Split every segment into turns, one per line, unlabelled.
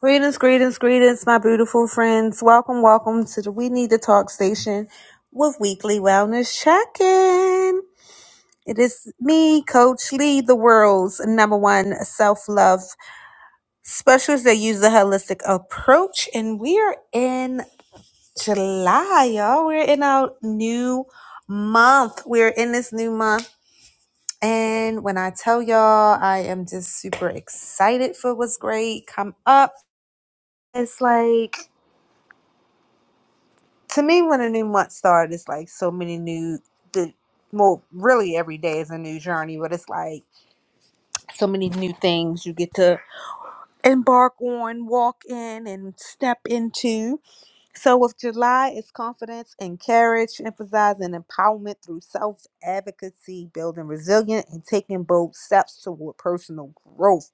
Greetings, greetings, greetings, my beautiful friends. Welcome, welcome to the We Need to Talk station with Weekly Wellness Check In. It is me, Coach Lee, the world's number one self love specialist that uses the holistic approach. And we are in July, y'all. We're in our new month. We're in this new month. And when I tell y'all, I am just super excited for what's great. Come up. It's like to me when a new month starts it's like so many new the well really every day is a new journey but it's like so many new things you get to embark on walk in and step into so with july it's confidence and courage emphasizing empowerment through self-advocacy building resilience, and taking bold steps toward personal growth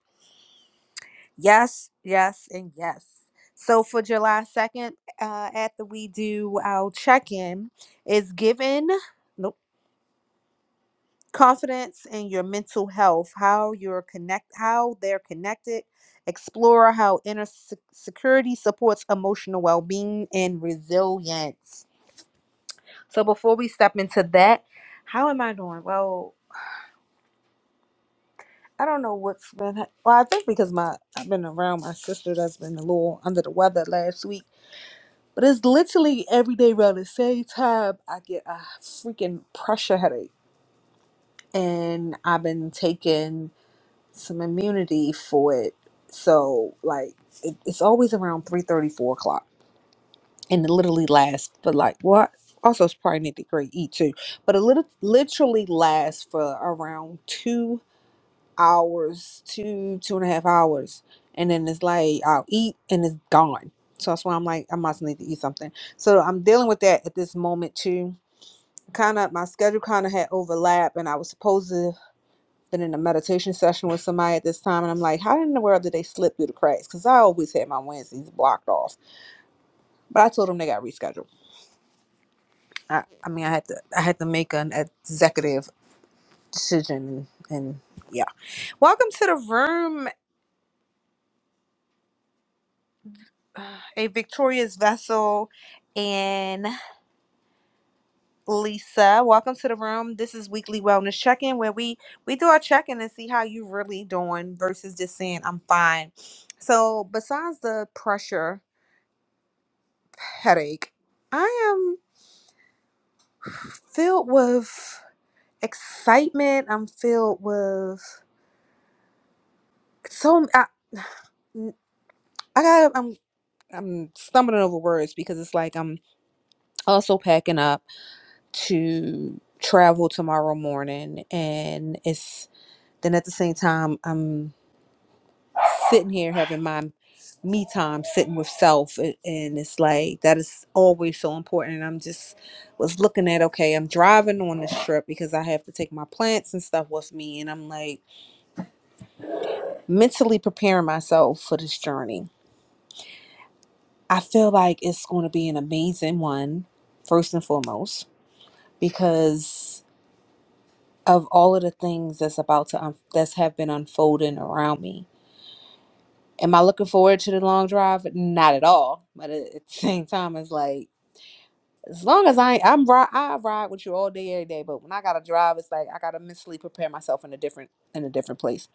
Yes, yes, and yes. So for July 2nd, uh, after we do our check in, is given nope, confidence in your mental health, how you're connect, how they're connected. Explore how inner se- security supports emotional well being and resilience. So before we step into that, how am I doing? Well, I don't know what's been. Well, I think because my I've been around my sister that's been a little under the weather last week But it's literally every day around the same time I get a freaking pressure headache. And I've been taking some immunity for it. So like it, it's always around three thirty, four o'clock. And it literally lasts for like what? also it's probably need to grade E too. But it lit- literally lasts for around two hours, two, two and a half hours. And then it's like I'll eat and it's gone. So that's why I'm like, I must need to eat something. So I'm dealing with that at this moment too. Kind of my schedule kind of had overlap and I was supposed to been in a meditation session with somebody at this time and I'm like, how in the world did they slip through the cracks? Because I always had my Wednesdays blocked off. But I told them they got rescheduled. I, I mean I had to I had to make an executive decision and, yeah. Welcome to the room, a victorious vessel and lisa welcome to the room this is weekly wellness check-in where we we do our check-in and see how you really doing versus just saying i'm fine so besides the pressure headache i am filled with excitement i'm filled with so i, I got i'm i'm stumbling over words because it's like i'm also packing up to travel tomorrow morning and it's then at the same time I'm sitting here having my me time sitting with self a- and it's like that is always so important and I'm just was looking at okay I'm driving on this trip because I have to take my plants and stuff with me and I'm like mentally preparing myself for this journey. I feel like it's going to be an amazing one first and foremost because of all of the things that's about to un- that's have been unfolding around me. Am I looking forward to the long drive? Not at all. But at at the same time, it's like as long as I I'm ri- I ride with you all day every day. But when I gotta drive, it's like I gotta mentally prepare myself in a different in a different place.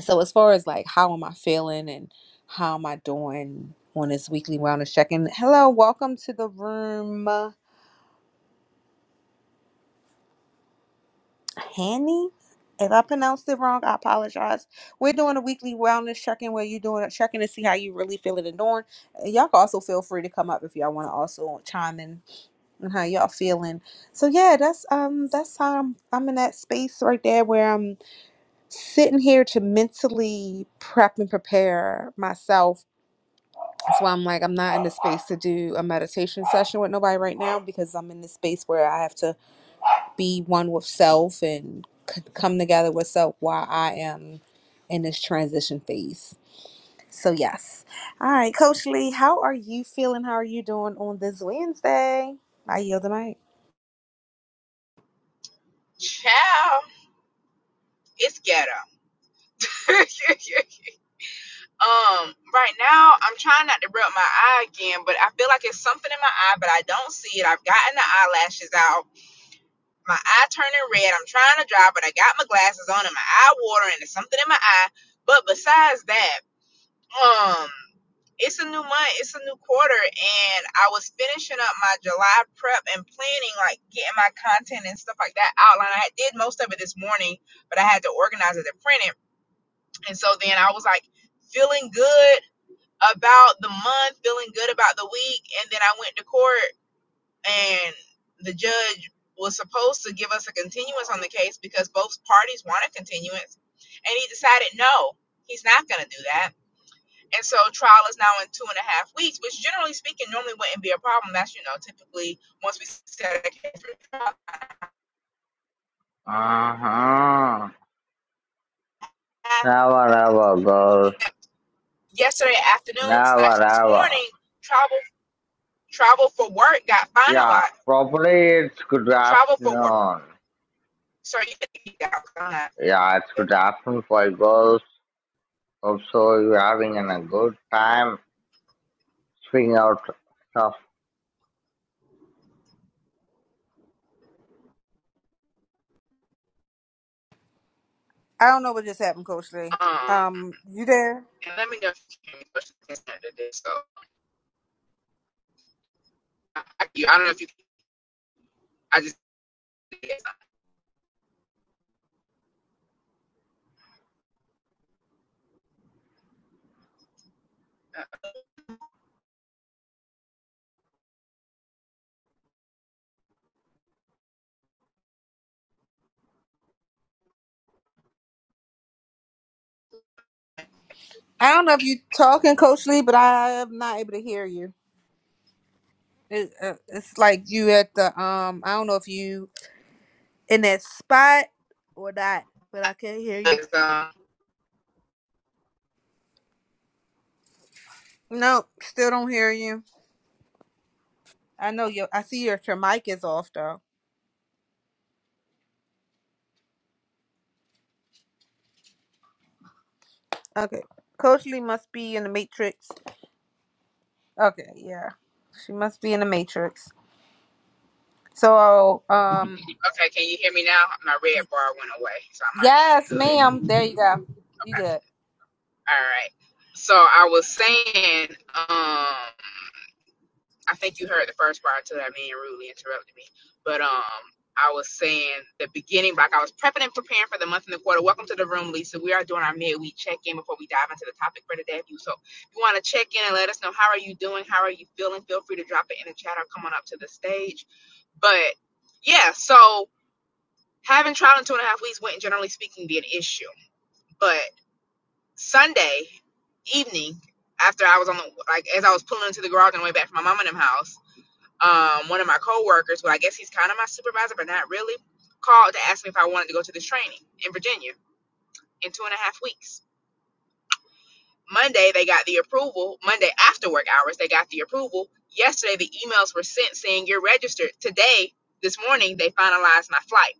So as far as like how am I feeling and how am I doing on this weekly wellness check-in? Hello, welcome to the room. Hanny. If I pronounced it wrong, I apologize. We're doing a weekly wellness check-in where you're doing a check-in to see how you really feeling and doing. Uh, Y'all can also feel free to come up if y'all want to also chime in on how y'all feeling. So yeah, that's um that's how I'm I'm in that space right there where I'm sitting here to mentally prep and prepare myself. That's why I'm like I'm not in the space to do a meditation session with nobody right now because I'm in this space where I have to be one with self and c- come together with self while I am in this transition phase. So, yes. All right, Coach Lee, how are you feeling? How are you doing on this Wednesday? I yield the mic.
Ciao. It's ghetto. um, right now I'm trying not to rub my eye again, but I feel like it's something in my eye, but I don't see it. I've gotten the eyelashes out. My eye turning red. I'm trying to dry, but I got my glasses on and my eye watering. There's something in my eye. But besides that, um, it's a new month, it's a new quarter, and I was finishing up my July prep and planning, like getting my content and stuff like that outlined. I did most of it this morning, but I had to organize it and print it And so then I was like feeling good about the month, feeling good about the week. And then I went to court and the judge was supposed to give us a continuance on the case because both parties wanted continuance. And he decided, no, he's not going to do that. And so trial is now in two and a half weeks, which generally speaking normally wouldn't be a problem. That's, you know, typically once we set a case for trial.
Uh-huh. Never ever, girl.
Yesterday afternoon slash
Never
this
ever.
morning, travel travel for work got
Yeah,
finalized
probably it's good
travel for work.
afternoon.
Sorry, you can eat outside.
Yeah, it's good afternoon for you girls. Hope so you're having an- a good time. Swing out stuff
I don't know what just happened, Coach Lee.
Um,
Um, you there?
and let me know if you can questions today. So I, I don't know if you. I just.
I don't know if you talking, Coach Lee, but I am not able to hear you. It, uh, it's like you at the um. I don't know if you in that spot or not, but I can't hear you.
um,
No, still don't hear you. I know your. I see your your mic is off though. Okay, Coach Lee must be in the Matrix. Okay, yeah, she must be in the Matrix. So, um,
okay, can you hear me now? My red bar went away, so I might be
yes,
good.
ma'am. There you go. You
Okay.
good.
All right. So I was saying. Um. I think you heard the first part to that man rudely interrupted me. But um I was saying the beginning, like I was prepping and preparing for the month and the quarter. Welcome to the room, Lisa. We are doing our midweek check-in before we dive into the topic for today. If you so if you want to check in and let us know how are you doing, how are you feeling, feel free to drop it in the chat or come on up to the stage. But yeah, so having trial in two and a half weeks wouldn't generally speaking be an issue. But Sunday evening, after I was on the like as I was pulling into the garage on the way back from my mom and them house um, one of my coworkers, well, I guess he's kind of my supervisor, but not really, called to ask me if I wanted to go to this training in Virginia in two and a half weeks. Monday, they got the approval. Monday after work hours, they got the approval. Yesterday, the emails were sent saying you're registered. Today, this morning, they finalized my flight.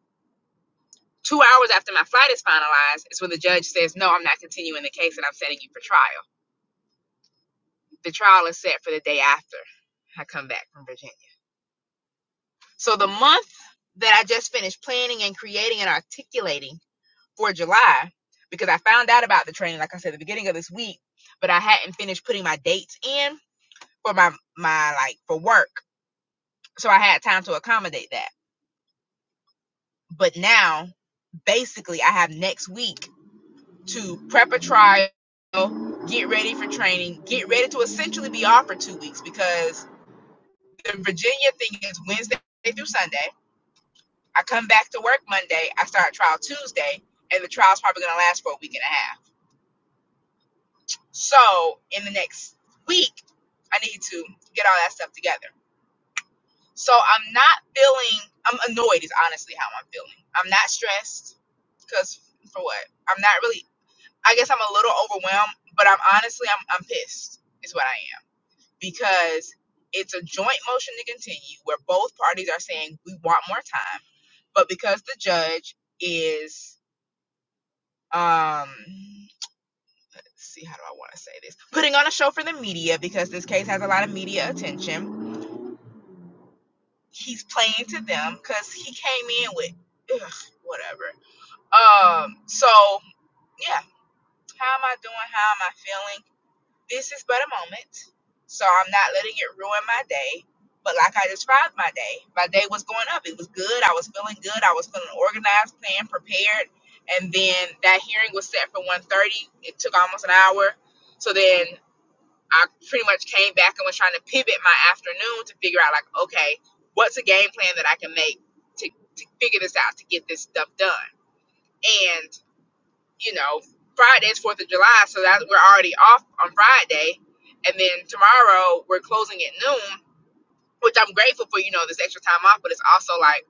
Two hours after my flight is finalized is when the judge says, No, I'm not continuing the case and I'm setting you for trial. The trial is set for the day after I come back from Virginia. So the month that I just finished planning and creating and articulating for July because I found out about the training, like I said, at the beginning of this week, but I hadn't finished putting my dates in for my my like for work. So I had time to accommodate that. But now basically I have next week to prep a trial, get ready for training, get ready to essentially be off for two weeks because the Virginia thing is Wednesday through Sunday. I come back to work Monday, I start trial Tuesday, and the trial's probably gonna last for a week and a half. So in the next week, I need to get all that stuff together. So I'm not feeling. I'm annoyed. Is honestly how I'm feeling. I'm not stressed because for what? I'm not really. I guess I'm a little overwhelmed, but I'm honestly I'm I'm pissed. Is what I am because it's a joint motion to continue where both parties are saying we want more time, but because the judge is um see how do I want to say this? Putting on a show for the media because this case has a lot of media attention. He's playing to them because he came in with ugh, whatever. Um, so yeah, how am I doing? How am I feeling? This is but a moment, so I'm not letting it ruin my day. But like I described my day, my day was going up. It was good. I was feeling good. I was feeling organized, planned, prepared. And then that hearing was set for 1.30. It took almost an hour. So then I pretty much came back and was trying to pivot my afternoon to figure out like, okay, what's a game plan that I can make to, to figure this out to get this stuff done. And you know, Friday's Fourth of July, so that we're already off on Friday, and then tomorrow we're closing at noon, which I'm grateful for. You know, this extra time off, but it's also like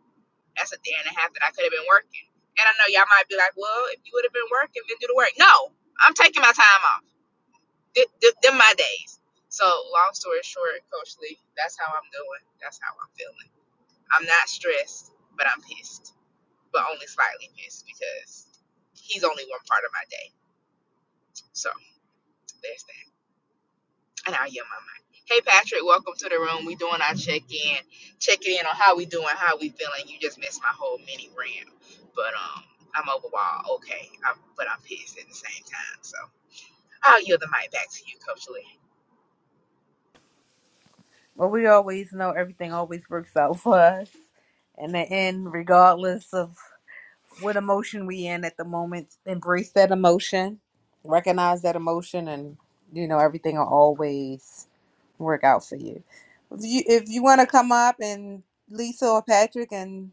that's a day and a half that I could have been working. And I know y'all might be like, well, if you would have been working, then do the work. No, I'm taking my time off. Th- th- them my days. So long story short, Coach Lee, that's how I'm doing. That's how I'm feeling. I'm not stressed, but I'm pissed, but only slightly pissed because he's only one part of my day. So there's that. And I'll yell my mind. Hey Patrick, welcome to the room. We doing our check in, checking in on how we doing, how we feeling. You just missed my whole mini rant, but um, I'm overall okay. I'm, but I'm pissed at the same time. So I'll yield the mic back to you, Coach Lee.
Well, we always know everything always works out for us in the end, regardless of what emotion we in at the moment embrace that emotion recognize that emotion and you know everything will always work out for you if you if you want to come up and lisa or patrick and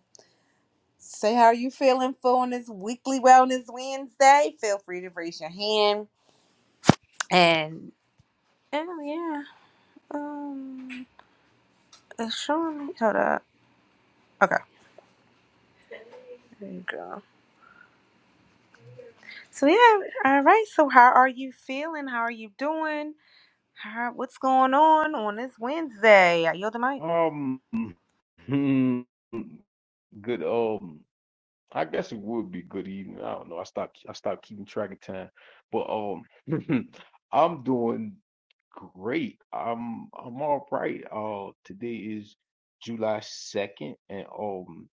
say how you feeling for on this weekly wellness wednesday feel free to raise your hand and oh yeah um it's showing me hold up okay there you go so yeah all right so how are you feeling how are you doing All right, what's going on on this Wednesday? I yield the mic.
Um, hmm, good. Um, I guess it would be good evening. I don't know. I stopped. I stopped keeping track of time, but um, I'm doing great. I'm I'm all right. Uh, today is July 2nd, and um,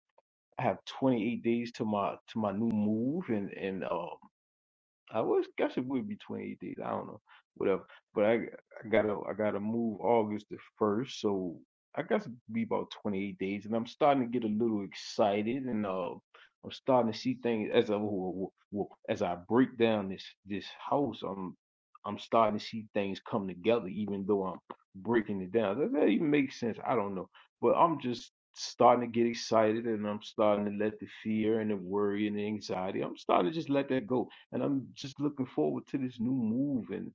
I have 28 days to my to my new move, and and uh. I was guess it would be 28 days. I don't know, whatever. But I, I gotta I gotta move August the first, so I guess it'd be about 28 days. And I'm starting to get a little excited, and uh, I'm starting to see things as I wo- wo- as I break down this this house. I'm I'm starting to see things come together, even though I'm breaking it down. Does that even make sense? I don't know, but I'm just starting to get excited and I'm starting to let the fear and the worry and the anxiety I'm starting to just let that go and I'm just looking forward to this new move and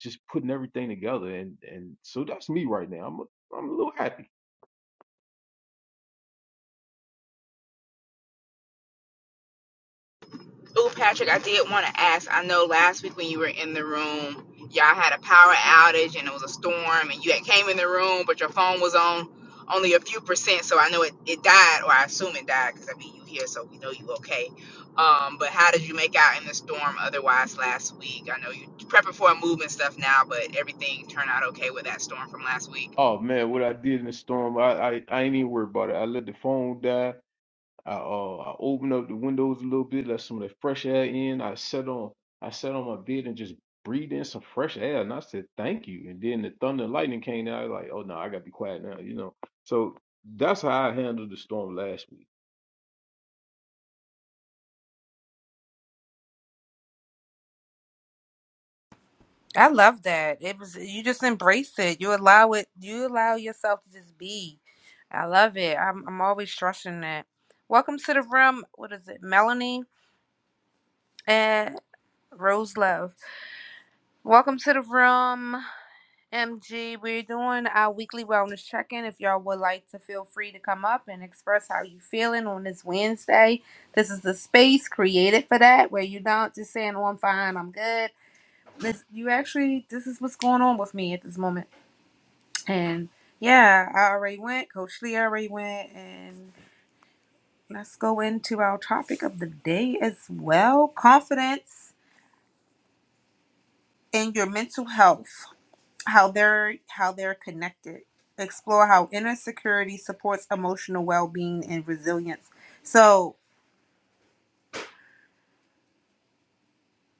just putting everything together. And and so that's me right now. I'm a, I'm a little happy.
Ooh, Patrick, I did want to ask. I know last week when you were in the room, y'all had a power outage and it was a storm, and you had came in the room, but your phone was on only a few percent. So I know it, it died, or I assume it died, because I mean you here, so we know you okay. Um, but how did you make out in the storm otherwise last week? I know you prepping for a move and stuff now, but everything turned out okay with that storm from last week.
Oh man, what I did in the storm, I I, I ain't even worried about it. I let the phone die. I uh I opened up the windows a little bit, let some of that fresh air in. I sat on I sat on my bed and just breathed in some fresh air, and I said thank you. And then the thunder and lightning came out like, oh no, I gotta be quiet now, you know. So that's how I handled the storm last week.
I love that. It was you just embrace it. You allow it. You allow yourself to just be. I love it. I'm I'm always stressing that. Welcome to the room. What is it, Melanie and Rose Love? Welcome to the room, MG. We're doing our weekly wellness check-in. If y'all would like to feel free to come up and express how you feeling on this Wednesday. This is the space created for that, where you're not just saying, "Oh, I'm fine. I'm good." This you actually this is what's going on with me at this moment. And yeah, I already went. Coach Lee already went and let's go into our topic of the day as well. Confidence and your mental health. How they're how they're connected. Explore how inner security supports emotional well being and resilience. So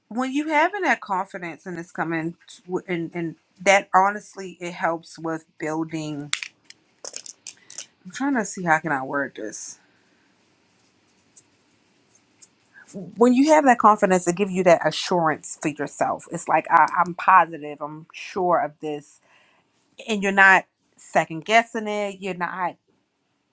when you having that confidence and it's coming to- and and that honestly it helps with building I'm trying to see how can I word this when you have that confidence, it gives you that assurance for yourself. It's like I, I'm positive, I'm sure of this, and you're not second guessing it. You're not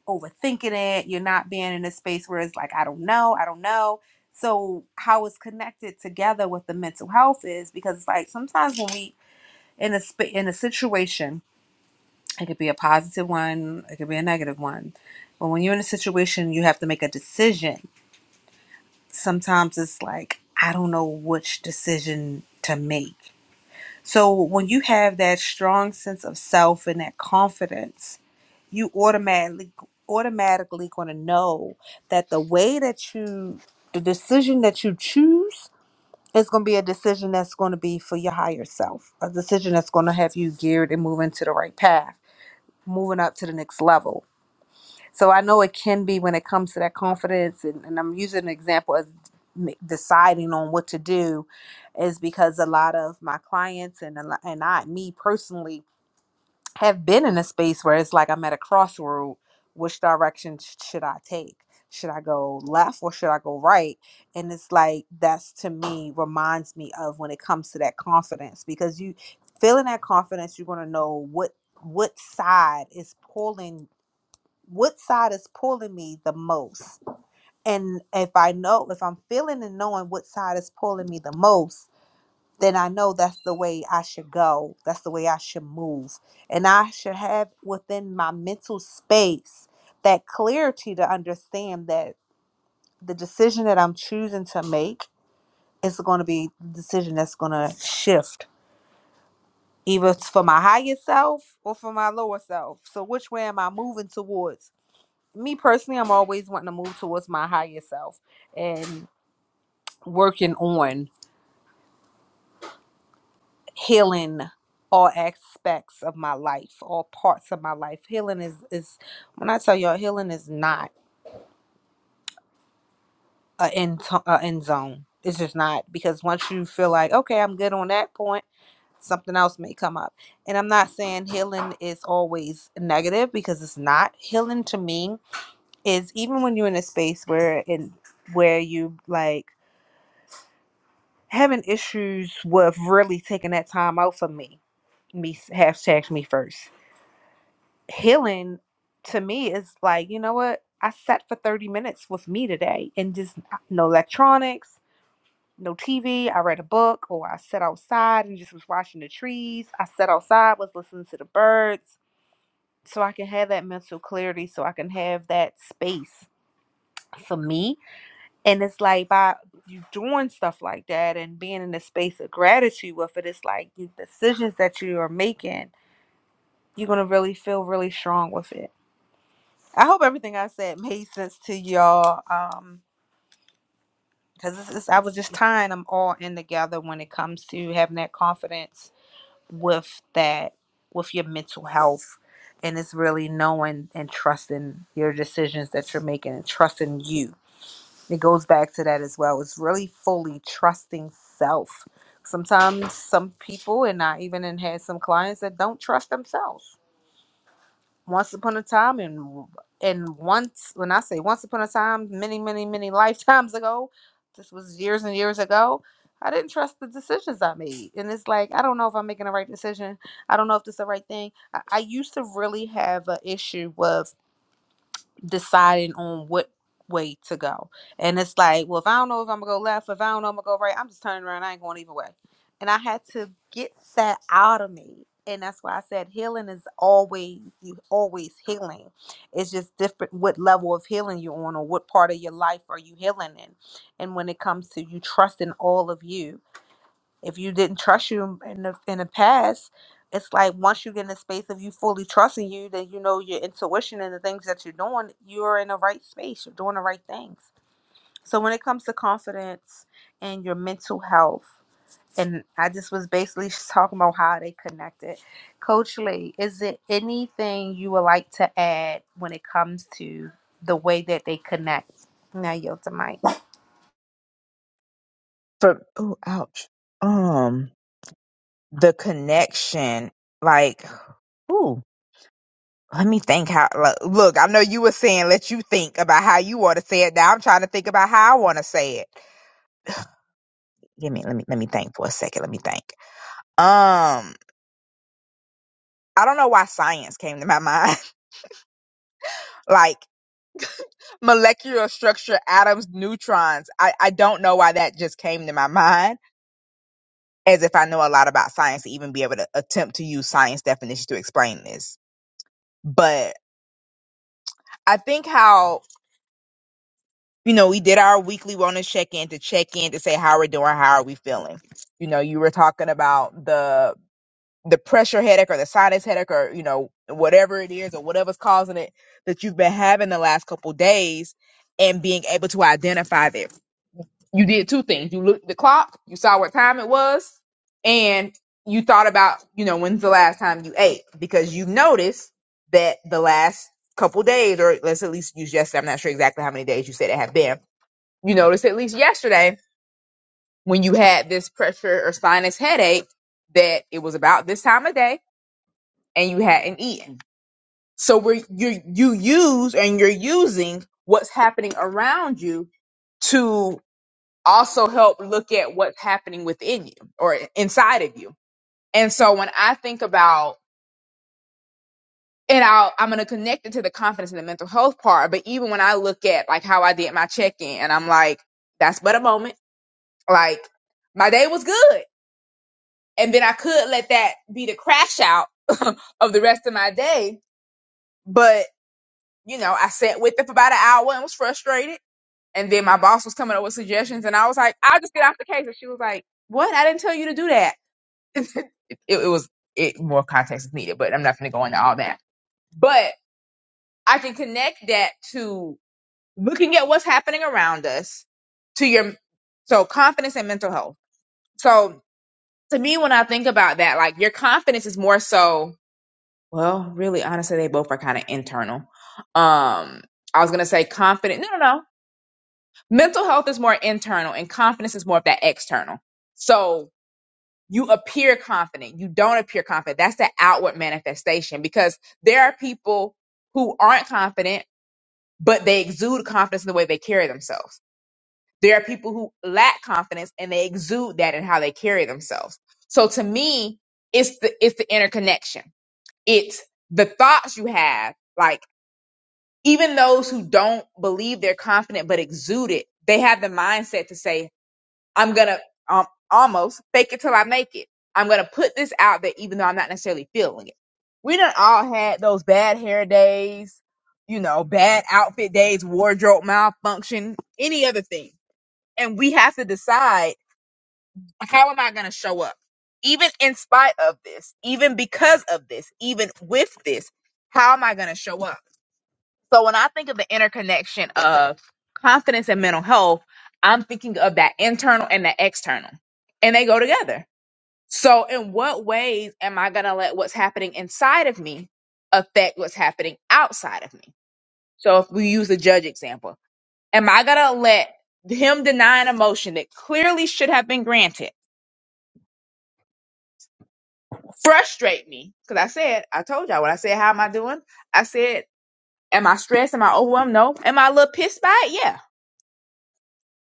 overthinking it. You're not being in a space where it's like I don't know, I don't know. So how it's connected together with the mental health is because like sometimes when we in a sp- in a situation, it could be a positive one, it could be a negative one, but when you're in a situation, you have to make a decision sometimes it's like I don't know which decision to make. So when you have that strong sense of self and that confidence, you automatically automatically going to know that the way that you the decision that you choose is going to be a decision that's going to be for your higher self, a decision that's going to have you geared and moving to the right path, moving up to the next level so I know it can be when it comes to that confidence, and, and I'm using an example as m- deciding on what to do, is because a lot of my clients and a lo- and I, me personally, have been in a space where it's like I'm at a crossroad. Which direction sh- should I take? Should I go left or should I go right? And it's like that's to me reminds me of when it comes to that confidence because you feeling that confidence, you're gonna know what what side is pulling what side is pulling me the most and if i know if i'm feeling and knowing what side is pulling me the most then i know that's the way i should go that's the way i should move and i should have within my mental space that clarity to understand that the decision that i'm choosing to make is going to be the decision that's going to shift either it's for my higher self or for my lower self so which way am i moving towards me personally, I'm always wanting to move towards my higher self and working on healing all aspects of my life, all parts of my life. Healing is is when I tell y'all, healing is not a end to- a end zone. It's just not because once you feel like okay, I'm good on that point, something else may come up. And I'm not saying healing is always negative because it's not. Healing to me is even when you're in a space where in where you like having issues with really taking that time out for me. Me hashtags me first. Healing to me is like, you know what? I sat for 30 minutes with me today and just uh, no electronics, no TV. I read a book or I sat outside and just was watching the trees. I sat outside, was listening to the birds so I can have that mental clarity, so I can have that space for me And it's like by you doing stuff like that and being in a space of gratitude with it, it's like the decisions that you are making, you're gonna really feel really strong with it. I hope everything I said made sense to y'all. Um, because this is I was just tying them all in together when it comes to having that confidence with that with your mental health. And it's really knowing and trusting your decisions that you're making and trusting you it goes back to that as well. It's really fully trusting self. Sometimes some people, and I even and had some clients that don't trust themselves. Once upon a time, and and once when I say once upon a time, many, many, many lifetimes ago, this was years and years ago. I didn't trust the decisions I made, and it's like I don't know if I'm making the right decision. I don't know if this is the right thing. I, I used to really have an issue with deciding on what way to go. And it's like, well, if I don't know if I'm gonna go left, if I don't know I'm gonna go right, I'm just turning around. I ain't going either way. And I had to get that out of me. And that's why I said healing is always you always healing. It's just different what level of healing you're on or what part of your life are you healing in. And when it comes to you trusting all of you, if you didn't trust you in the in the past, it's like once you get in a space of you fully trusting you, then you know your intuition and the things that you're doing, you're in the right space. You're doing the right things. So when it comes to confidence and your mental health, and I just was basically just talking about how they connected. Coach Lee, is there anything you would like to add when it comes to the way that they connect? Now yield the mic.
For oh ouch. Um the connection, like whew. Let me think how. Look, look, I know you were saying let you think about how you want to say it. Now I'm trying to think about how I want to say it. Give me, let me, let me think for a second. Let me think. Um, I don't know why science came to my mind. like molecular structure, atoms, neutrons. I I don't know why that just came to my mind. As if I know a lot about science to even be able to attempt to use science definitions to explain this. But I think how you know, we did our weekly wellness check in to check in to say how we're doing, how are we feeling. You know, you were talking about the the pressure headache or the sinus headache or you know whatever it is or whatever's causing it that you've been having the last couple days and being able to identify that. You did two things. You looked at the clock, you saw what time it was, and you thought about, you know, when's the last time you ate because you noticed that the last couple days or let's at least use yesterday. I'm not sure exactly how many days you said it had been you noticed at least yesterday when you had this pressure or sinus headache that it was about this time of day and you hadn't eaten. So we're you you use and you're using what's happening around you to also help look at what's happening within you or inside of you. And so when I think about and I'll, I'm going to connect it to the confidence and the mental health part. But even when I look at like how I did my check in and I'm like, that's but a moment. Like my day was good. and then I could let that be the crash out of the rest of my day. But you know, I sat with it for about an hour and was frustrated. And then my boss was coming up with suggestions, and I was like, "I'll just get off the case." And she was like, "What? I didn't tell you to do that." it, it was it more context is needed, but I'm not going to go into all that. But I can connect that to looking at what's happening around us to your so confidence and mental health. So to me, when I think about that, like your confidence is more so Well, really, honestly, they both are kind of internal. Um, I was gonna say confident. No, no, no. Mental health is more internal, and confidence is more of that external. So you appear confident, you don't appear confident. That's the outward manifestation because there are people who aren't confident, but they exude confidence in the way they carry themselves. There are people who lack confidence and they exude that in how they carry themselves. So to me, it's the it's the interconnection. It's the thoughts you have, like even those who don't believe they're confident but exude it, they have the mindset to say, I'm gonna um, almost fake it till I make it. I'm gonna put this out there even though I'm not necessarily feeling it. We done all had those bad hair days, you know, bad outfit days, wardrobe malfunction, any other thing. And we have to decide how am I gonna show up? Even in spite of this, even because of this, even with this, how am I gonna show up? So when I think of the interconnection of confidence and mental health, I'm thinking of that internal and the external, and they go together. So in what ways am I going to let what's happening inside of me affect what's happening outside of me? So if we use the judge example, am I going to let him deny an emotion that clearly should have been granted frustrate me? Because I said, I told y'all when I said, how am I doing? I said, am I stressed? Am I overwhelmed? No. Am I a little pissed by it? Yeah.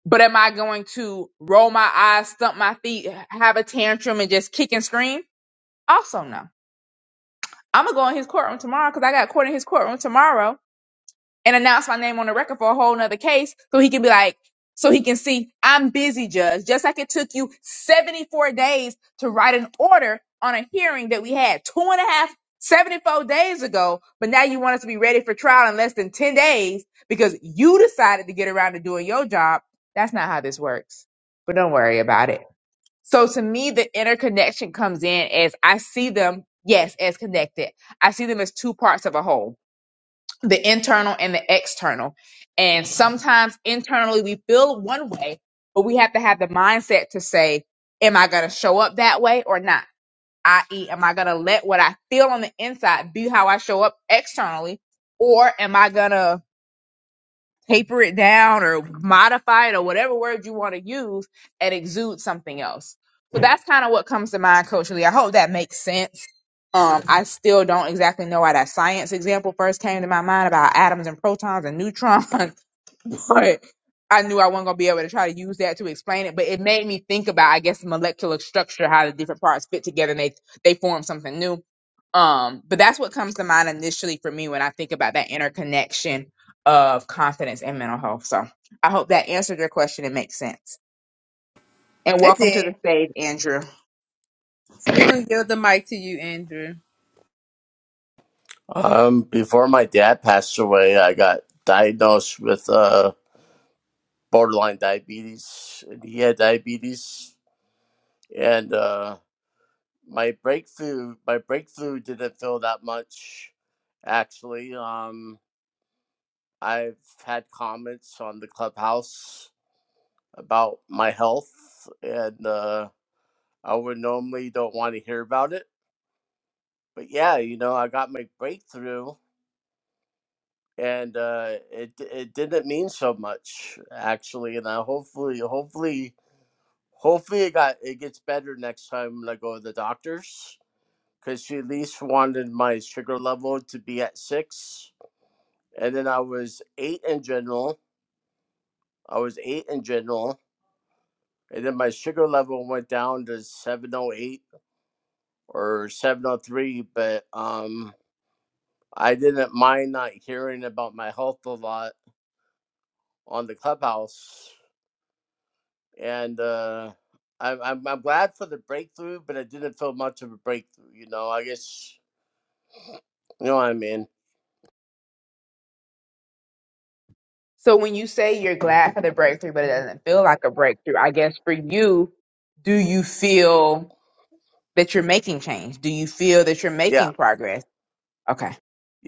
But am I going to roll my eyes, stump my feet, have a tantrum, and just kick and scream? Also, no. I'm gonna go in his courtroom tomorrow because I got court in his courtroom tomorrow and announce my name on the record for a whole nother case so he can be like, so he can see I'm busy, judge. Just like it took you 74 days to write an order on a hearing that we had two and a half, 74 days ago, but now you want us to be ready for trial in less than 10 days because you decided to get around to doing your job. That's not how this works, but don't worry about it. So to me, the interconnection comes in as I see them, yes, as connected. I see them as two parts of a whole the internal and the external. And sometimes internally we feel one way, but we have to have the mindset to say, am I going to show up that way or not? I.e., am I going to let what I feel on the inside be how I show up externally? Or am I going to taper it down or modify it or whatever word you want to use and exude something else. So that's kind of what comes to mind, Coach Lee. I hope that makes sense. Um, I still don't exactly know why that science example first came to my mind about atoms and protons and neutrons But I knew I wasn't gonna be able to try to use that to explain it, but it made me think about, I guess, molecular structure, how the different parts fit together and they they form something new. Um, but that's what comes to mind initially for me when I think about that interconnection of confidence and mental health. So I hope that answered your question and makes sense. And
I
welcome to
did.
the stage, Andrew.
So we're gonna give the mic to you, Andrew.
Um, before my dad passed away, I got diagnosed with uh, borderline diabetes. and He had diabetes, and uh, my breakthrough my breakthrough didn't feel that much. Actually, um, I've had comments on the clubhouse about my health, and uh, I would normally don't want to hear about it. But yeah, you know, I got my breakthrough, and uh, it it didn't mean so much actually. And I hopefully, hopefully, hopefully it got it gets better next time when I go to the doctors because she at least wanted my sugar level to be at six, and then I was eight in general. I was eight in general, and then my sugar level went down to seven oh eight or seven oh three, but um. I didn't mind not hearing about my health a lot on the clubhouse and uh, I'm, I'm I'm glad for the breakthrough, but it didn't feel much of a breakthrough. You know, I guess you know what I mean.
So when you say you're glad for the breakthrough, but it doesn't feel like a breakthrough, I guess for you, do you feel that you're making change? Do you feel that you're
Yeah,
making progress? Okay.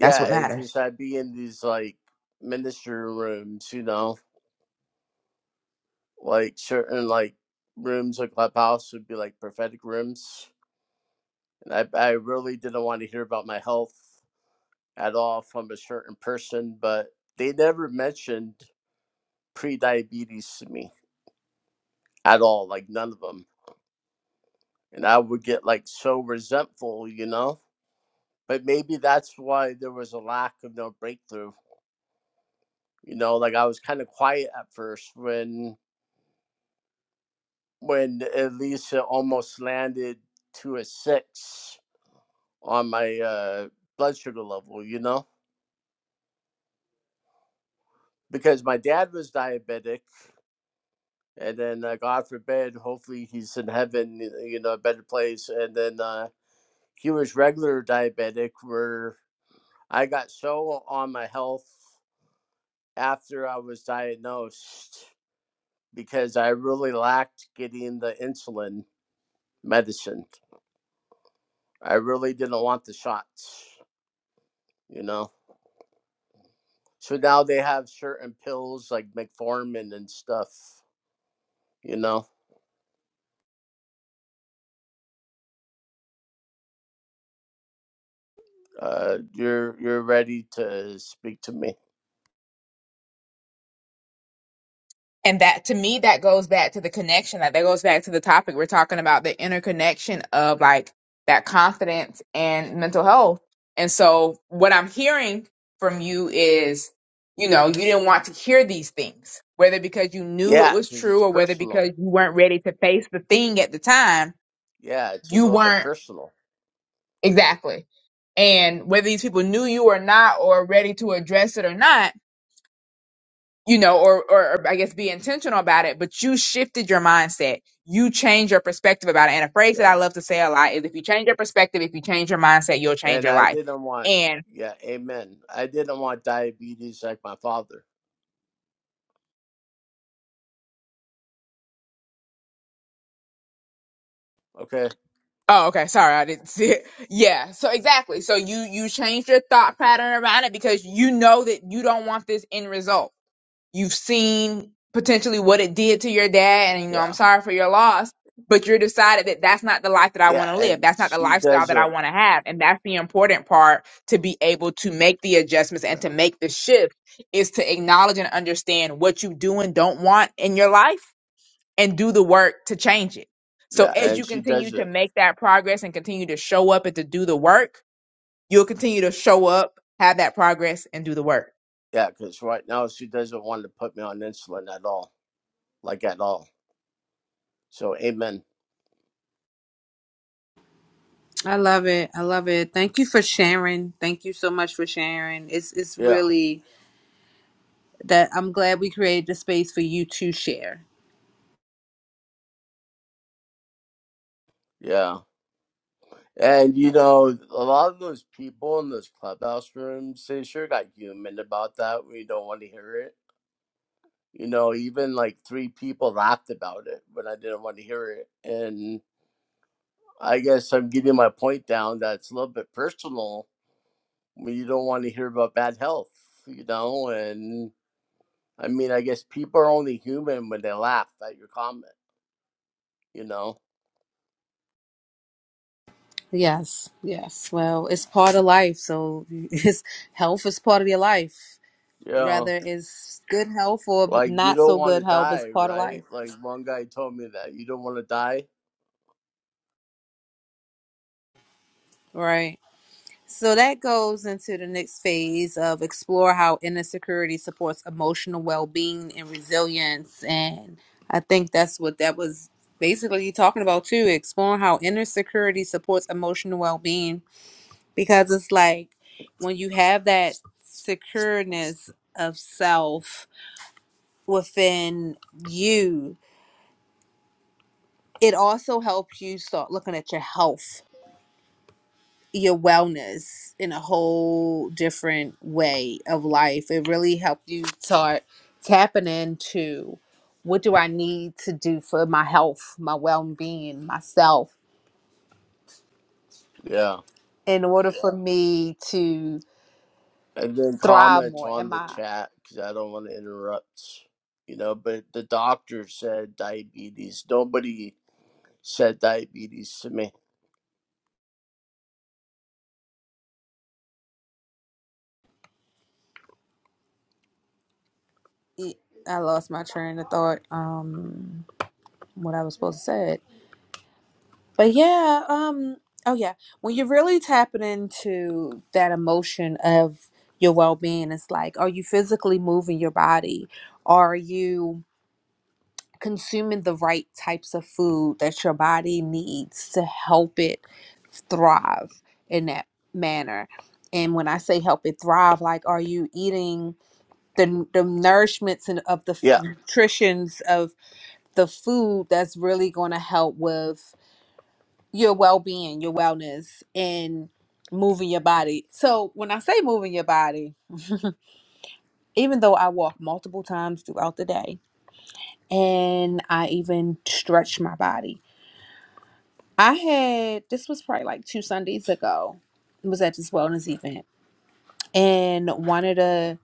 That's what
It's
matters.
just I'd be in these like ministry rooms, you know, like certain like rooms like clubhouse would be like prophetic rooms, and I I really didn't want to hear about my health at all from a certain person, but they never mentioned pre-diabetes to me at all, like none of them. And I would get like so resentful, you know but maybe that's why there was a lack of no breakthrough. You know, like I was kind of quiet at first when when Elisa almost landed to a six on my uh, blood sugar level. You know, because my dad was diabetic, and then uh, God forbid, hopefully he's in heaven, you know, a better place. And then uh, he was regular diabetic, where I got so on my health after I was diagnosed because I really lacked getting the insulin medicine. I really didn't want the shots, you know. So now they have certain pills like metformin and stuff, you know. Uh, you're you're ready to speak to me,
And that to me, that goes back to the connection. Like that goes back to the topic we're talking about, the interconnection of like that confidence and mental health. And so what I'm hearing from you is, you know, you didn't want to hear these things, whether because you knew it
yeah,
was
because it's
true or whether
personal.
because you weren't ready to face the thing at the time,
Yeah, it's a
you
little bit
weren't
personal.
Exactly. And whether these people knew you or not, or ready to address it or not, you know, or, or, or I guess be intentional about it, but you shifted your mindset. You changed your perspective about it. And a phrase that I
Yeah,
love to say a lot is if you change your perspective, if you change your mindset, you'll change
and
your
I
life.
didn't want.
And
Yeah, amen. I didn't want diabetes like my father. Okay.
oh, okay. Sorry. I didn't see it. Yeah. So exactly. So you, you changed your thought pattern around it because you know that you don't want this end result You've seen potentially what it did to your dad, and you know, I'm
Yeah.
sorry for your loss, but you're decided that that's not the life that I
Yeah,
want to live.
and
That's not the
she
lifestyle that I
doesn't.
want to have. And that's the important part to be able to make the adjustments
Yeah,
and to make the shift is to acknowledge and understand what you do and don't want in your life and do the work to change it. So
yeah,
as
and
you
she
continue
doesn't.
to make that progress and continue to show up and to do the work, you'll continue to show up, have that progress, and do the work.
Yeah, because right now she doesn't want to put me on insulin at all, like at all. So, amen.
I love it. I love it. Thank you for sharing. Thank you so much for sharing. It's it's
Yeah,
really that I'm glad we created the space for you to share.
yeah. And you know, a lot of those people in those clubhouse rooms, they sure got human about that. We don't want to hear it. You know, even like three people laughed about it but I didn't want to hear it. And I guess I'm getting my point down that it's a little bit personal when you don't want to hear about bad health, you know? And I mean, I guess people are only human when they laugh at your comment you know?
Yes. Yes. Well, it's part of life. So it's health is part of your life.
Yeah.
Whether it's good health or
Like you
not
don't
so
want
good
to
health is
die,
part of
right?
life.
Like one guy told me that you don't want to die.
Right. So that goes into the next phase of explore how inner security supports emotional well being and resilience. And I think that's what that was basically talking about too exploring how inner security supports emotional well being. Because it's like when you have that secureness of self within you, it also helps you start looking at your health your wellness in a whole different way of life. It really helped you start tapping into what do I need to do for my health, my well being, myself,
Yeah.
in order for me to
And then
thrive
comments
more.
on
Am
the
I?
chat because I don't want to interrupt, you know. But the doctor said diabetes. Nobody said diabetes to me.
I lost my train of thought. Um, what I was supposed to say. But yeah, um, oh yeah, when you're really tapping into that emotion of your well-being, it's like, are you physically moving your body? Are you consuming the right types of food that your body needs to help it thrive in that manner? And when I say help it thrive, like, are you eating the, the nourishments and of the f-
Yeah.
nutritions of the food that's really going to help with your well-being your wellness and moving your body so when i say moving your body even though i walk multiple times throughout the day and i even stretch my body i had this was probably like two sundays ago it was at this wellness event and one of the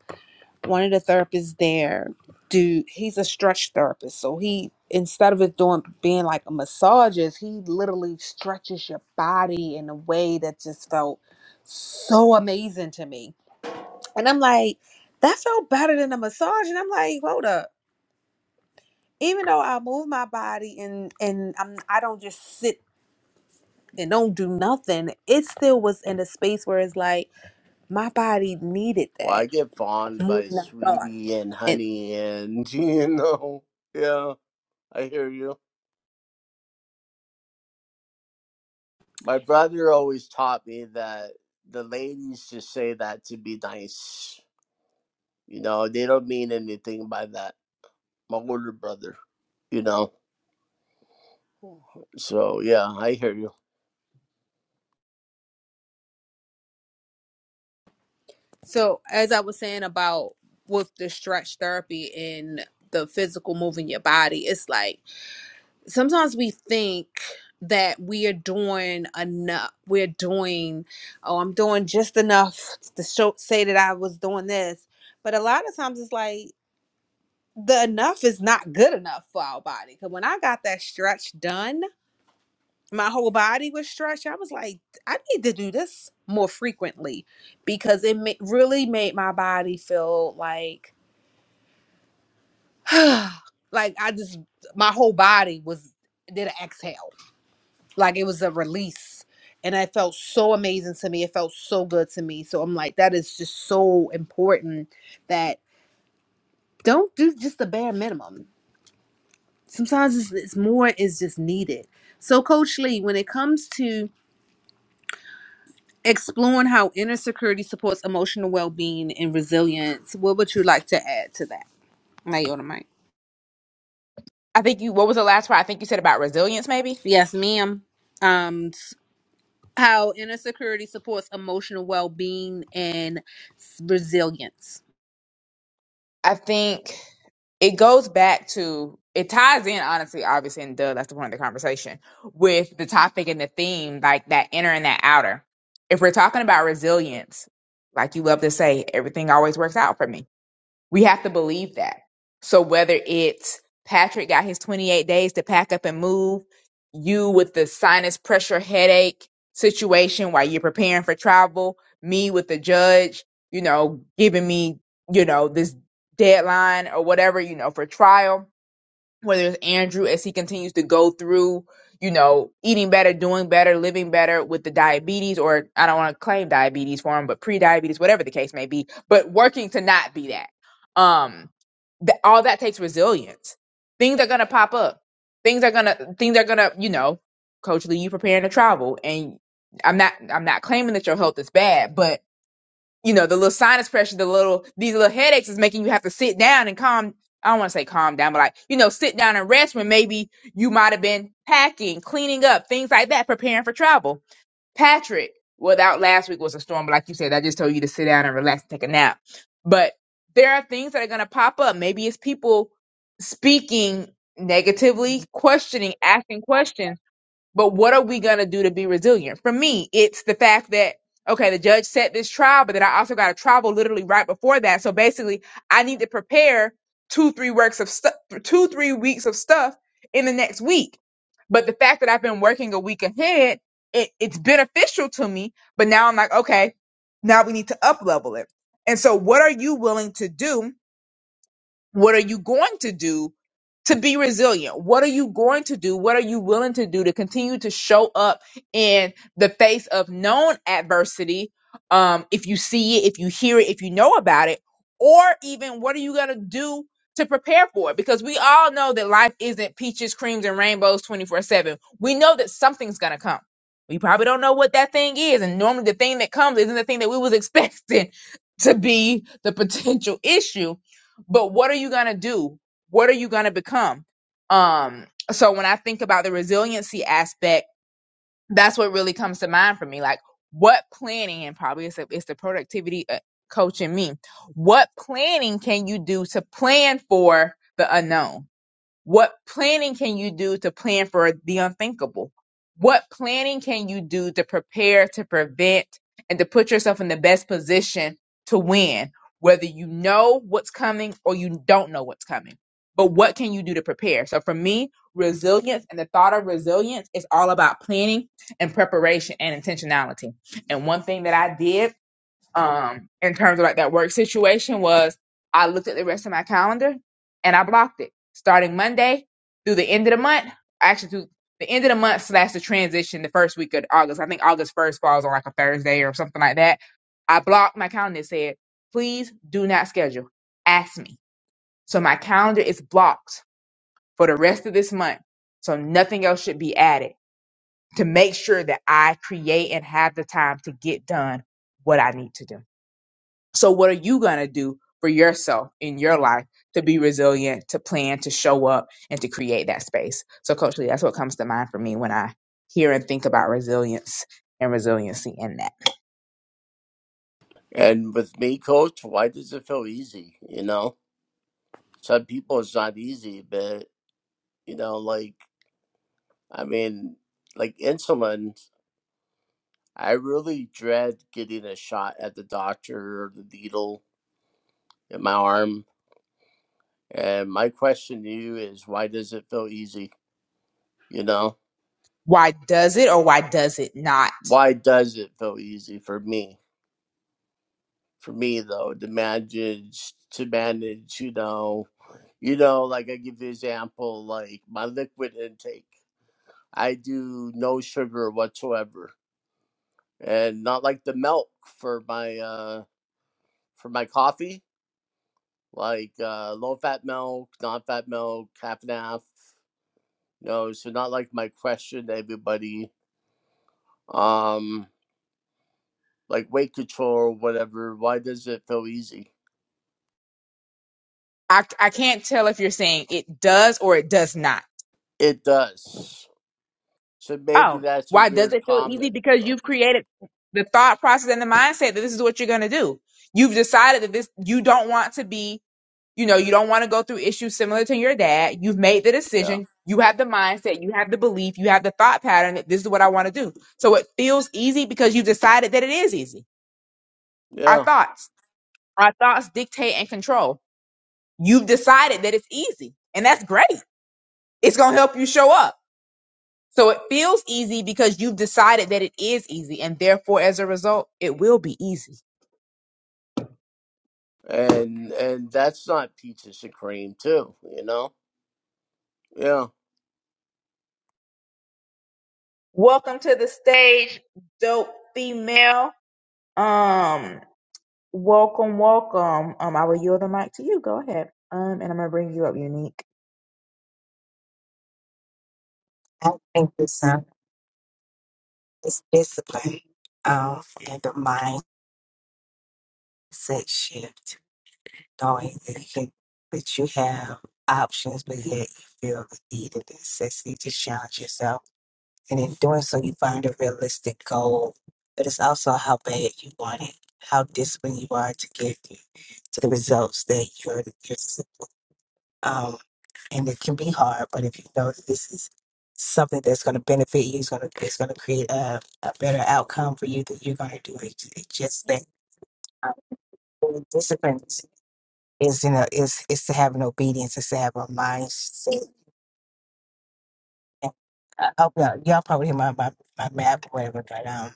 one of the therapists there dude, he's a stretch therapist so he instead of it doing being like a massages he literally stretches your body in a way that just felt so amazing to me and i'm like that felt better than a massage and i'm like hold up even though i move my body and and i'm i don't just sit and don't do nothing it still was in a space where it's like my body needed
Well, I
that
get fawned
more
by
than i thought
sweetie and
And
honey, and you know, yeah, I hear you. My brother always taught me that the ladies just say that to be nice You know, they don't mean anything by that. My older brother, you know. So yeah, I hear you.
So, as I was saying about with the stretch therapy and the physical moving your body, it's like sometimes we think that we are doing enough. We're doing, oh, I'm doing just enough to show, say that I was doing this. But a lot of times it's like the enough is not good enough for our body. Because when I got that stretch done, my whole body was stretched. I was like, I need to do this more frequently because it ma- really made my body feel like, like I just, my whole body was, did an exhale. Like it was a release. And it felt so amazing to me. It felt so good to me. So I'm like, that is just so important that don't do just the bare minimum. Sometimes it's, it's more is just needed. So, Coach Lee, when it comes to, Exploring how inner security supports emotional well being and resilience. What would you like to add to that? Naomi Mike.
I think you. What was the last part? I think you said about resilience, maybe.
Yes, ma'am. Um, how inner security supports emotional well being and s- resilience.
I think it goes back to it ties in honestly, obviously, and duh, that's the point of the conversation with the topic and the theme, like that inner and that outer. If we're talking about resilience, like you love to say, everything always works out for me we have to believe that. So whether it's Patrick got his 28 days to pack up and move, you with the sinus pressure headache situation while you're preparing for travel, me with the judge, you know, giving me, you know, this deadline or whatever, you know, for trial whether it's Andrew as he continues to go through, you know, eating better, doing better, living better with the diabetes, or I don't want to claim diabetes for him, but pre-diabetes, whatever the case may be, but working to not be that. Um, th- all that takes resilience. Things are gonna pop up. Things are gonna things are gonna, you know, Coach Lee, you preparing to travel, and I'm not I'm not claiming that your health is bad, but you know, the little sinus pressure, the little these little headaches is making you have to sit down and calm. I don't want to say calm down, but like you know, sit down and rest when maybe you might have been packing, cleaning up, things like that, preparing for travel. Patrick, without last week was a storm, but like you said, I just told you to sit down and relax, and take a nap. But there are things that are going to pop up. Maybe it's people speaking negatively, questioning, asking questions but what are we going to do to be resilient? For me, it's the fact that, okay, the judge set this trial, but then I also got a travel literally right before that. So basically, I need to prepare two, three works of stuff, two, three weeks of stuff in the next week. But the fact that I've been working a week ahead, it, it's beneficial to me. But now I'm like, okay, now we need to up level it. And so what are you willing to do what are you going to do to be resilient? What are you going to do? What are you willing to do to continue to show up in the face of known adversity? Um, if you see it, if you hear it, if you know about it, or even what are you going to do to prepare for it? Because we all know that life isn't peaches, creams, and rainbows 24 7. We know that something's going to come. We probably don't know what that thing is. And normally the thing that comes isn't the thing that we was expecting to be the potential issue but what are you going to do what are you going to become um so when i think about the resiliency aspect that's what really comes to mind for me like what planning and probably it's, a, it's the productivity uh, coach in me what planning can you do to plan for the unknown what planning can you do to plan for the unthinkable? What planning can you do to prepare, to prevent, and to put yourself in the best position to win, whether you know what's coming or you don't know what's coming? But what can you do to prepare? So for me, resilience and the thought of resilience is all about planning and preparation and intentionality. And one thing that I did um in terms of like that work situation was I looked at the rest of my calendar and I blocked it starting Monday through the end of the month. Actually, through the end of the month slash the transition, the first week of August. I think August first falls on like a Thursday or something like that. I blocked my calendar and said, "Please do not schedule. Ask me." So my calendar is blocked for the rest of this month. So nothing else should be added to make sure that I create and have the time to get done what I need to do. So, what are you going to do for yourself in your life to be resilient, to plan, to show up, and to create that space? So, Coach Lee, that's what comes to mind for me when I hear and think about resilience and resiliency in that.
And with me, coach, why does it feel easy? You know, some people it's not easy, but you know, like I mean, like insulin, I really dread getting a shot at the doctor or the needle in my arm. And my question to you is, why does it feel easy? You know,
Why does it or why does it not?
why does it feel easy for me? for me though to manage to manage you know you know like i give you an example like my liquid intake i do no sugar whatsoever and not like the milk for my uh for my coffee like uh low fat milk non fat milk half and half no so not like my question to everybody um like weight control or whatever why does it feel easy
I, I can't tell if you're saying it does or it does not.
it does so maybe
Oh,
that's a
why does
weird
it feel easy?
comment
Because you've created the thought process and the mindset that this is what you're going to do. You've decided that this, you don't want to be, you know, you don't want to go through issues similar to your dad. You've made the
Yeah,
decision. You have the mindset. You have the belief. You have the thought pattern that this is what I want to do. So it feels easy because you've decided that it is easy. Our
yeah,
thoughts, our thoughts dictate and control. You've decided that it's easy and that's great. It's going to help you show up. So it feels easy because you've decided that it is easy, and therefore, as a result, it will be easy.
and and that's not peaches and cream too, you know. Yeah,
Welcome to the stage, dope female. Um, welcome, welcome. Um, I will yield the mic to you. Go ahead. Um, and I'm gonna bring you up, Unique.
I think it's um, it's discipline um, and the mindset shift, knowing that you, that you have options, but yet you feel the need and necessity to challenge yourself. And in doing so, you find a realistic goal, but it's also how bad you want it, how disciplined you are to get to the results that you're, you're um, and it can be hard. But if you know that this is something that's going to benefit you, it's going to it's going to create a, a better outcome for you, that you're going to do it. It's just that uh, the discipline is is, you know is is to have an obedience, is to have a mindset. And I hope y'all, y'all probably hear my my, my map or whatever, but um.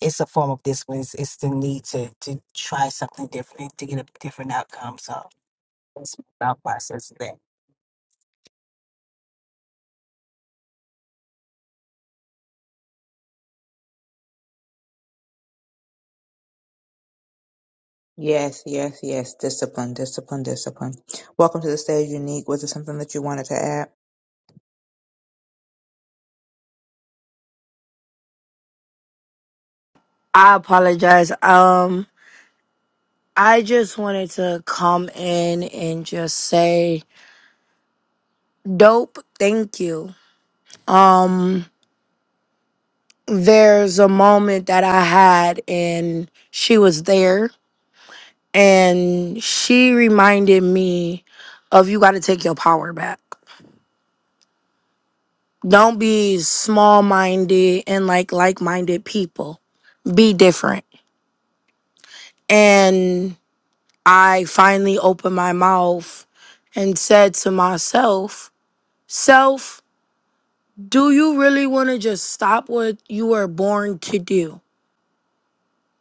It's a form of discipline. It's, it's the need to, to try something different to get a different outcome. So that's my thought process of
Yes, yes, yes. Discipline, discipline, discipline. Welcome to the stage, Unique. Was it something that you wanted to add?
I apologize. Um, I just wanted to come in and just say, dope, thank you. Um, there's a moment that I had, and she was there, and she reminded me of you got to take your power back. Don't be small minded and like like minded people, be different. And I finally opened my mouth and said to myself, Self, do you really want to just stop what you were born to do?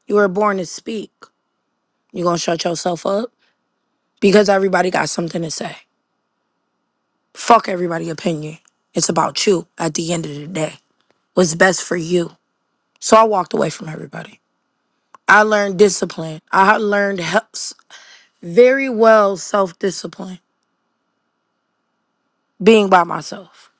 You were born to speak. You gonna shut yourself up because everybody got something to say. Fuck everybody's opinion. It's about you at the end of the day. What's best for you? So I walked away from everybody. I learned discipline. I learned helps very well self discipline being by myself.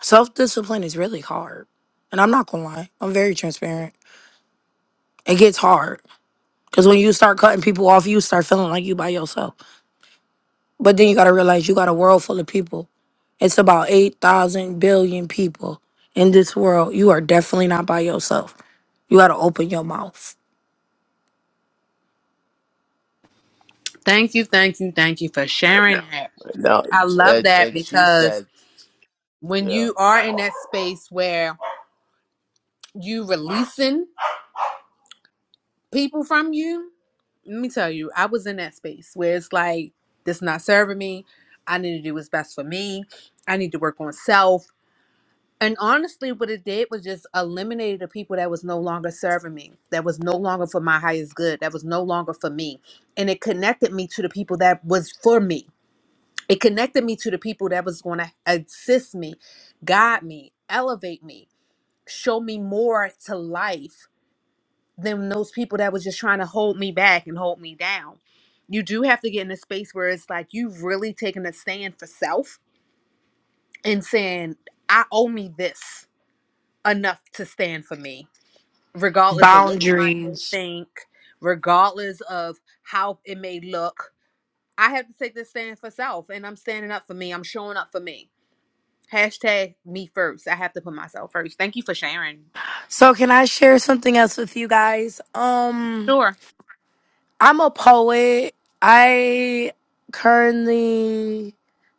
Self discipline is really hard. And I'm not gonna lie, I'm very transparent. It gets hard. Because when you start cutting people off, you start feeling like you by yourself. But then you got to realize you got a world full of people. It's about 8,000 billion people in this world. You are definitely not by yourself. You got to open your mouth.
Thank you, thank you, thank you for sharing that.
no,
I love
and,
that
and she
because
said,
when
yeah.
you are in that space where you releasing people from you, let me tell you, I was in that space where it's like, this not serving me. I need to do what's best for me. I need to work on self. And honestly, what it did was just eliminated the people that was no longer serving me, that was no longer for my highest good, that was no longer for me. And it connected me to the people that was for me. It connected me to the people that was going to assist me, guide me, elevate me, show me more to life than those people that was just trying to hold me back and hold me down. You do have to get in a space where it's like you've really taken a stand for self and saying, I owe me this enough to stand for me, regardless of what somebody may
Boundaries.
think, regardless of how it may look. I have to take this stand for self and I'm standing up for me. I'm showing up for me. Hashtag me first. I have to put myself first. Thank you for sharing.
So can I share something else with you guys? Um,
Sure.
I'm a poet. I currently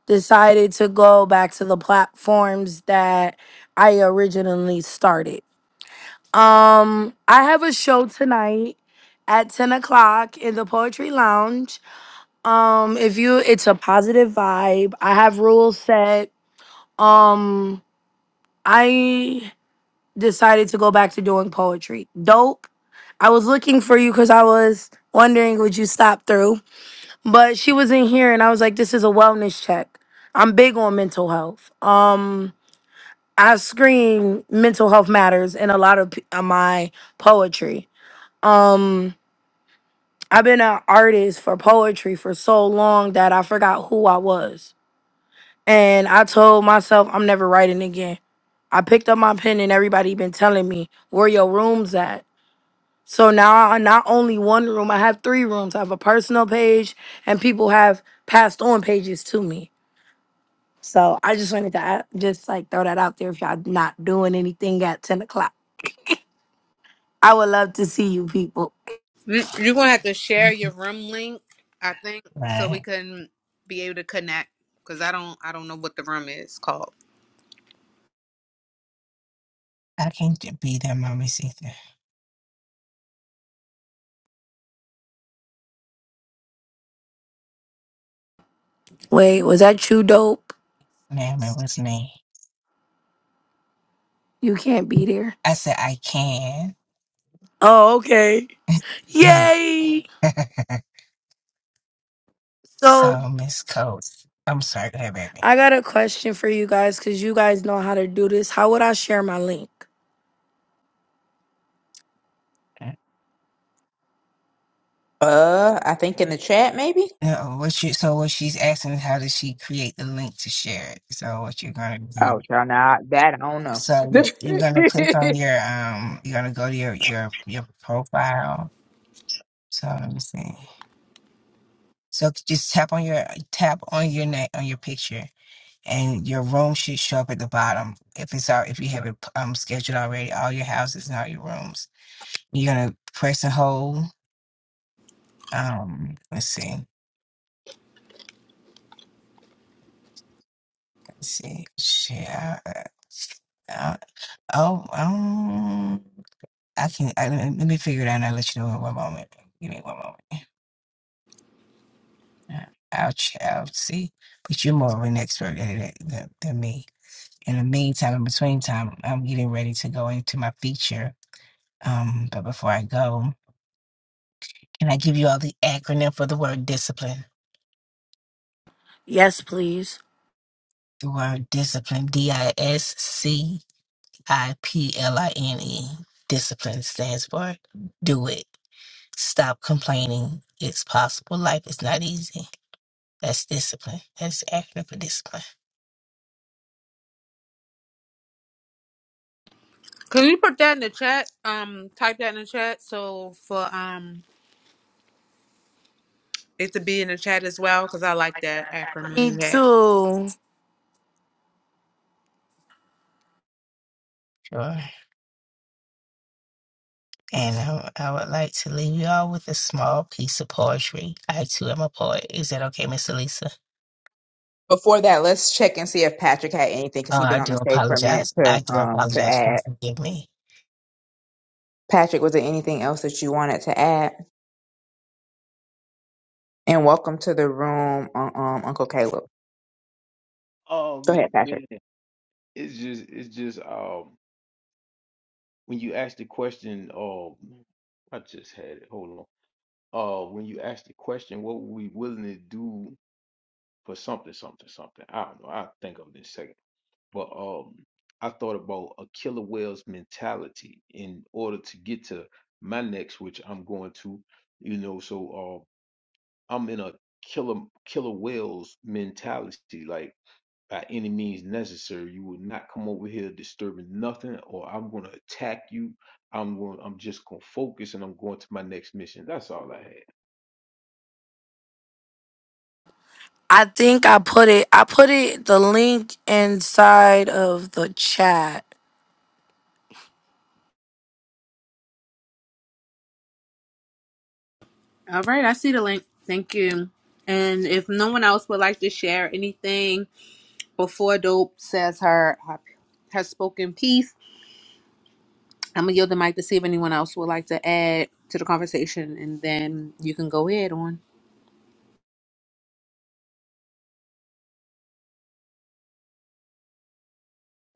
decided to go back to the platforms that I originally started. Um, I have a show tonight at ten o'clock in the Poetry Lounge. Um, if you, it's a positive vibe. I have rules set. Um, I decided to go back to doing poetry. Dope. I was looking for you because I was wondering would you stop through, but she was in here, and I was like, this is a wellness check. I'm big on mental health. Um, I scream mental health matters in a lot of p- of my poetry. Um I've been an artist for poetry for so long that I forgot who I was. And I told myself I'm never writing again. I picked up my pen and everybody been telling me where your rooms at. So now I not only one room, I have three rooms. I have a personal page and people have passed on pages to me. So I just wanted to a- just like throw that out there if y'all not doing anything at 10 o'clock. I would love to see you people.
Mm, You're gonna have to share your
that.
room link, I think, so we
Right.
can be able to connect. Cause I don't, I don't know what the room is called.
I can't be that mommy see
Wait, was that you dope?
Ma'am, it was me.
You can't be there.
I said I can.
Oh, okay. Yay! So
so, Miss Coates, I'm sorry, go ahead, baby.
I got a question for you guys because you guys know how to do this. How would I share my link?
Uh, I think in the chat, maybe.
No, what you so what she's asking is how does she create the link to share it? So what you're gonna
Oh,
do?
child, now that I don't know.
So you're gonna click on your um, you're gonna go to your your your profile. So let me see. So just tap on your tap on your name on your picture, and your room should show up at the bottom. If it's out, if you have it um scheduled already, all your houses and all your rooms. You're gonna press and hold. Um, let's see. Let's see. Share. Uh, oh, um, I can. I, let me figure it out. and I'll let you know in one moment. Give me one moment. Uh, I'll ch- I'll see. But you're more of an expert at it than, than me. In the meantime, in between time, I'm getting ready to go into my feature. Um, but before I go, can I give you all the acronym for the word discipline?
Yes, please.
The word discipline. D I S C. I P L I N E. Discipline stands for do it. Stop complaining. It's possible. Life is not easy. That's discipline. That's the acronym for discipline.
Can you put that in the chat? Um, type that in the chat so for um it to be in the chat as well. Cause I like that acronym
Me
you had.
too.
Sure. And I, I would like to leave you all with a small piece of poetry. I too am a poet. Is that okay, Miss Elisa?
Before that, let's check and see if Patrick had anything because
Oh,
he's been
I
on
do
the stage for a minute
apologize.
to
I do
um to
apologize. Please
add.
forgive me.
Patrick, was there anything else that you wanted to add? And welcome to the room, um, um, Uncle Caleb. Go ahead,
Um
Patrick.
man, it's just it's just um when you asked the question, um, I just had it. Hold on. Uh, when you asked the question, what were we willing to do for something, something, something? I don't know. I'll think of it in a second. But um, I thought about a killer whale's mentality in order to get to my next, which I'm going to, you know. So uh, I'm in a killer killer whale's mentality. Like by any means necessary. You will not come over here disturbing nothing, or I'm going to attack you. I'm going. I'm just going to focus, and I'm going to my next mission. That's all I had.
I think I put it I put it the link inside of the chat.
All right, I see the link. Thank you. And if no one else would like to share anything before Dope says her her, her spoken piece, I'm gonna yield the mic to see if anyone else would like to add to the conversation, and then you can go ahead on.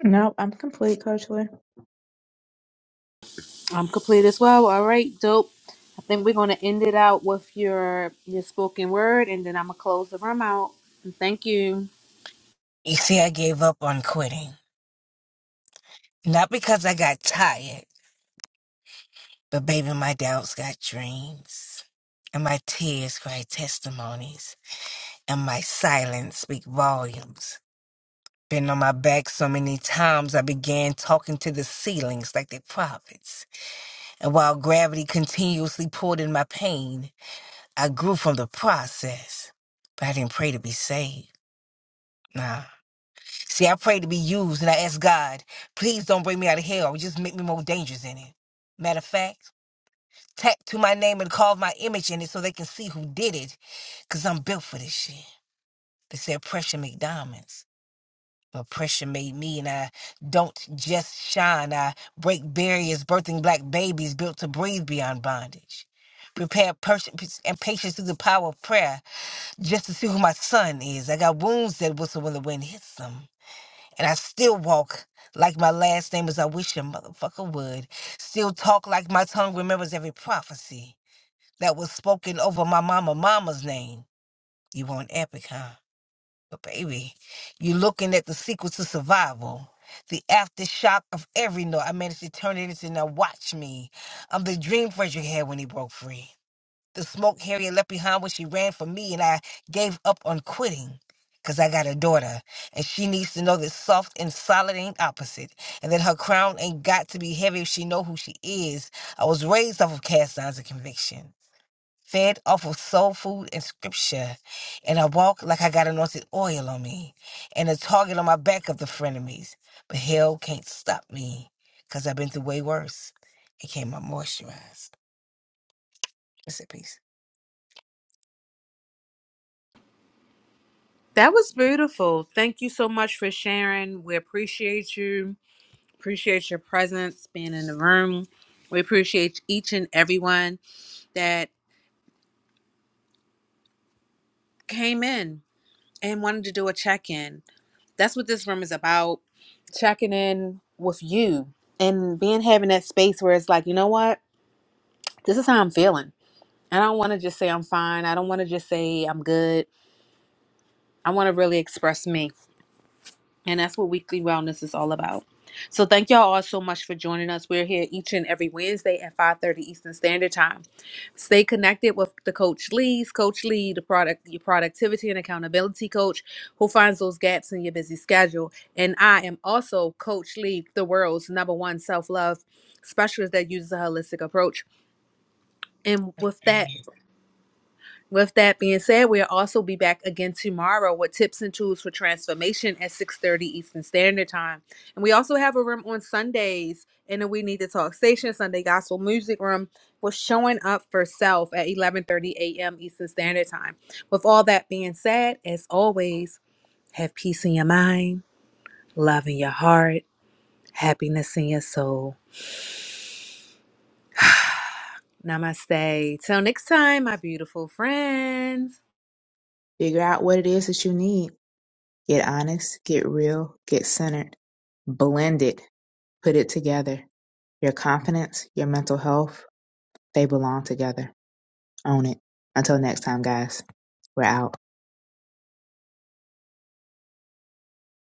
No, I'm complete, Coach Lee.
I'm complete as well. All right, dope. I think we're gonna end it out with your your spoken word, and then I'm gonna close the room out. And thank you.
You see, I gave up on quitting. Not because I got tired. But baby, my doubts got dreams, and my tears cry testimonies, and my silence speak volumes. Been on my back so many times I began talking to the ceilings like the prophets. And while gravity continuously pulled in my pain, I grew from the process. But I didn't pray to be saved. Nah. See, I prayed to be used and I asked God, please don't bring me out of hell. Just make me more dangerous in it. Matter of fact, tattoo my name and carve my image in it so they can see who did it because I'm built for this shit. They said pressure make diamonds, but pressure made me, and I don't just shine. I break barriers, birthing black babies built to breathe beyond bondage. Prepare patience and patience through the power of prayer just to see who my son is. I got wounds that whistle when the wind hits them. And I still walk like my last name is I wish a motherfucker would. Still talk like my tongue remembers every prophecy that was spoken over my mama mama's name. You want epic, huh? But baby, you're looking at the sequel to survival. The aftershock of every note. I managed to turn it into now watch me. I'm the dream Frederick had when he broke free. The smoke Harriet left behind when she ran for me and I gave up on quitting. Cause I got a daughter and she needs to know that soft and solid ain't opposite and that her crown ain't got to be heavy if she know who she is. I was raised off of cast signs of conviction fed off of soul food and scripture, and I walk like I got anointed oil on me, and a target on my back of the frenemies. But hell can't stop me, cause I've been through way worse. It came out moisturized. That's it, peace.
That was beautiful. Thank you so much for sharing. We appreciate you. Appreciate your presence, being in the room. We appreciate each and everyone that came in and wanted to do a check in that's what this room is about checking in with you and being having that space where it's like you know what this is how i'm feeling i don't want to just say i'm fine i don't want to just say i'm good i want to really express me And that's what weekly wellness is all about. So thank y'all all so much for joining us. We're here each and every Wednesday at 5:30 Eastern Standard Time. Stay connected with the Coach Lee's Coach Lee, the product, your productivity and accountability coach, who finds those gaps in your busy schedule. And I am also Coach Lee, the world's number one self-love specialist that uses a holistic approach. And with that.
Amen.
With that being said, we'll also be back again tomorrow with tips and tools for transformation at 6:30 Eastern Standard Time. And we also have a room on Sundays in the We Need to Talk Station, Sunday Gospel Music Room, with showing up for self at 11:30 a.m. Eastern Standard Time. With all that being said, as always, have peace in your mind, love in your heart, happiness in your soul. Namaste. Till next time, my beautiful friends.
Figure out what it is that you need. Get honest, get real, get centered, blend it, put it together. Your confidence, your mental health, they belong together. Own it. Until next time, guys, we're out.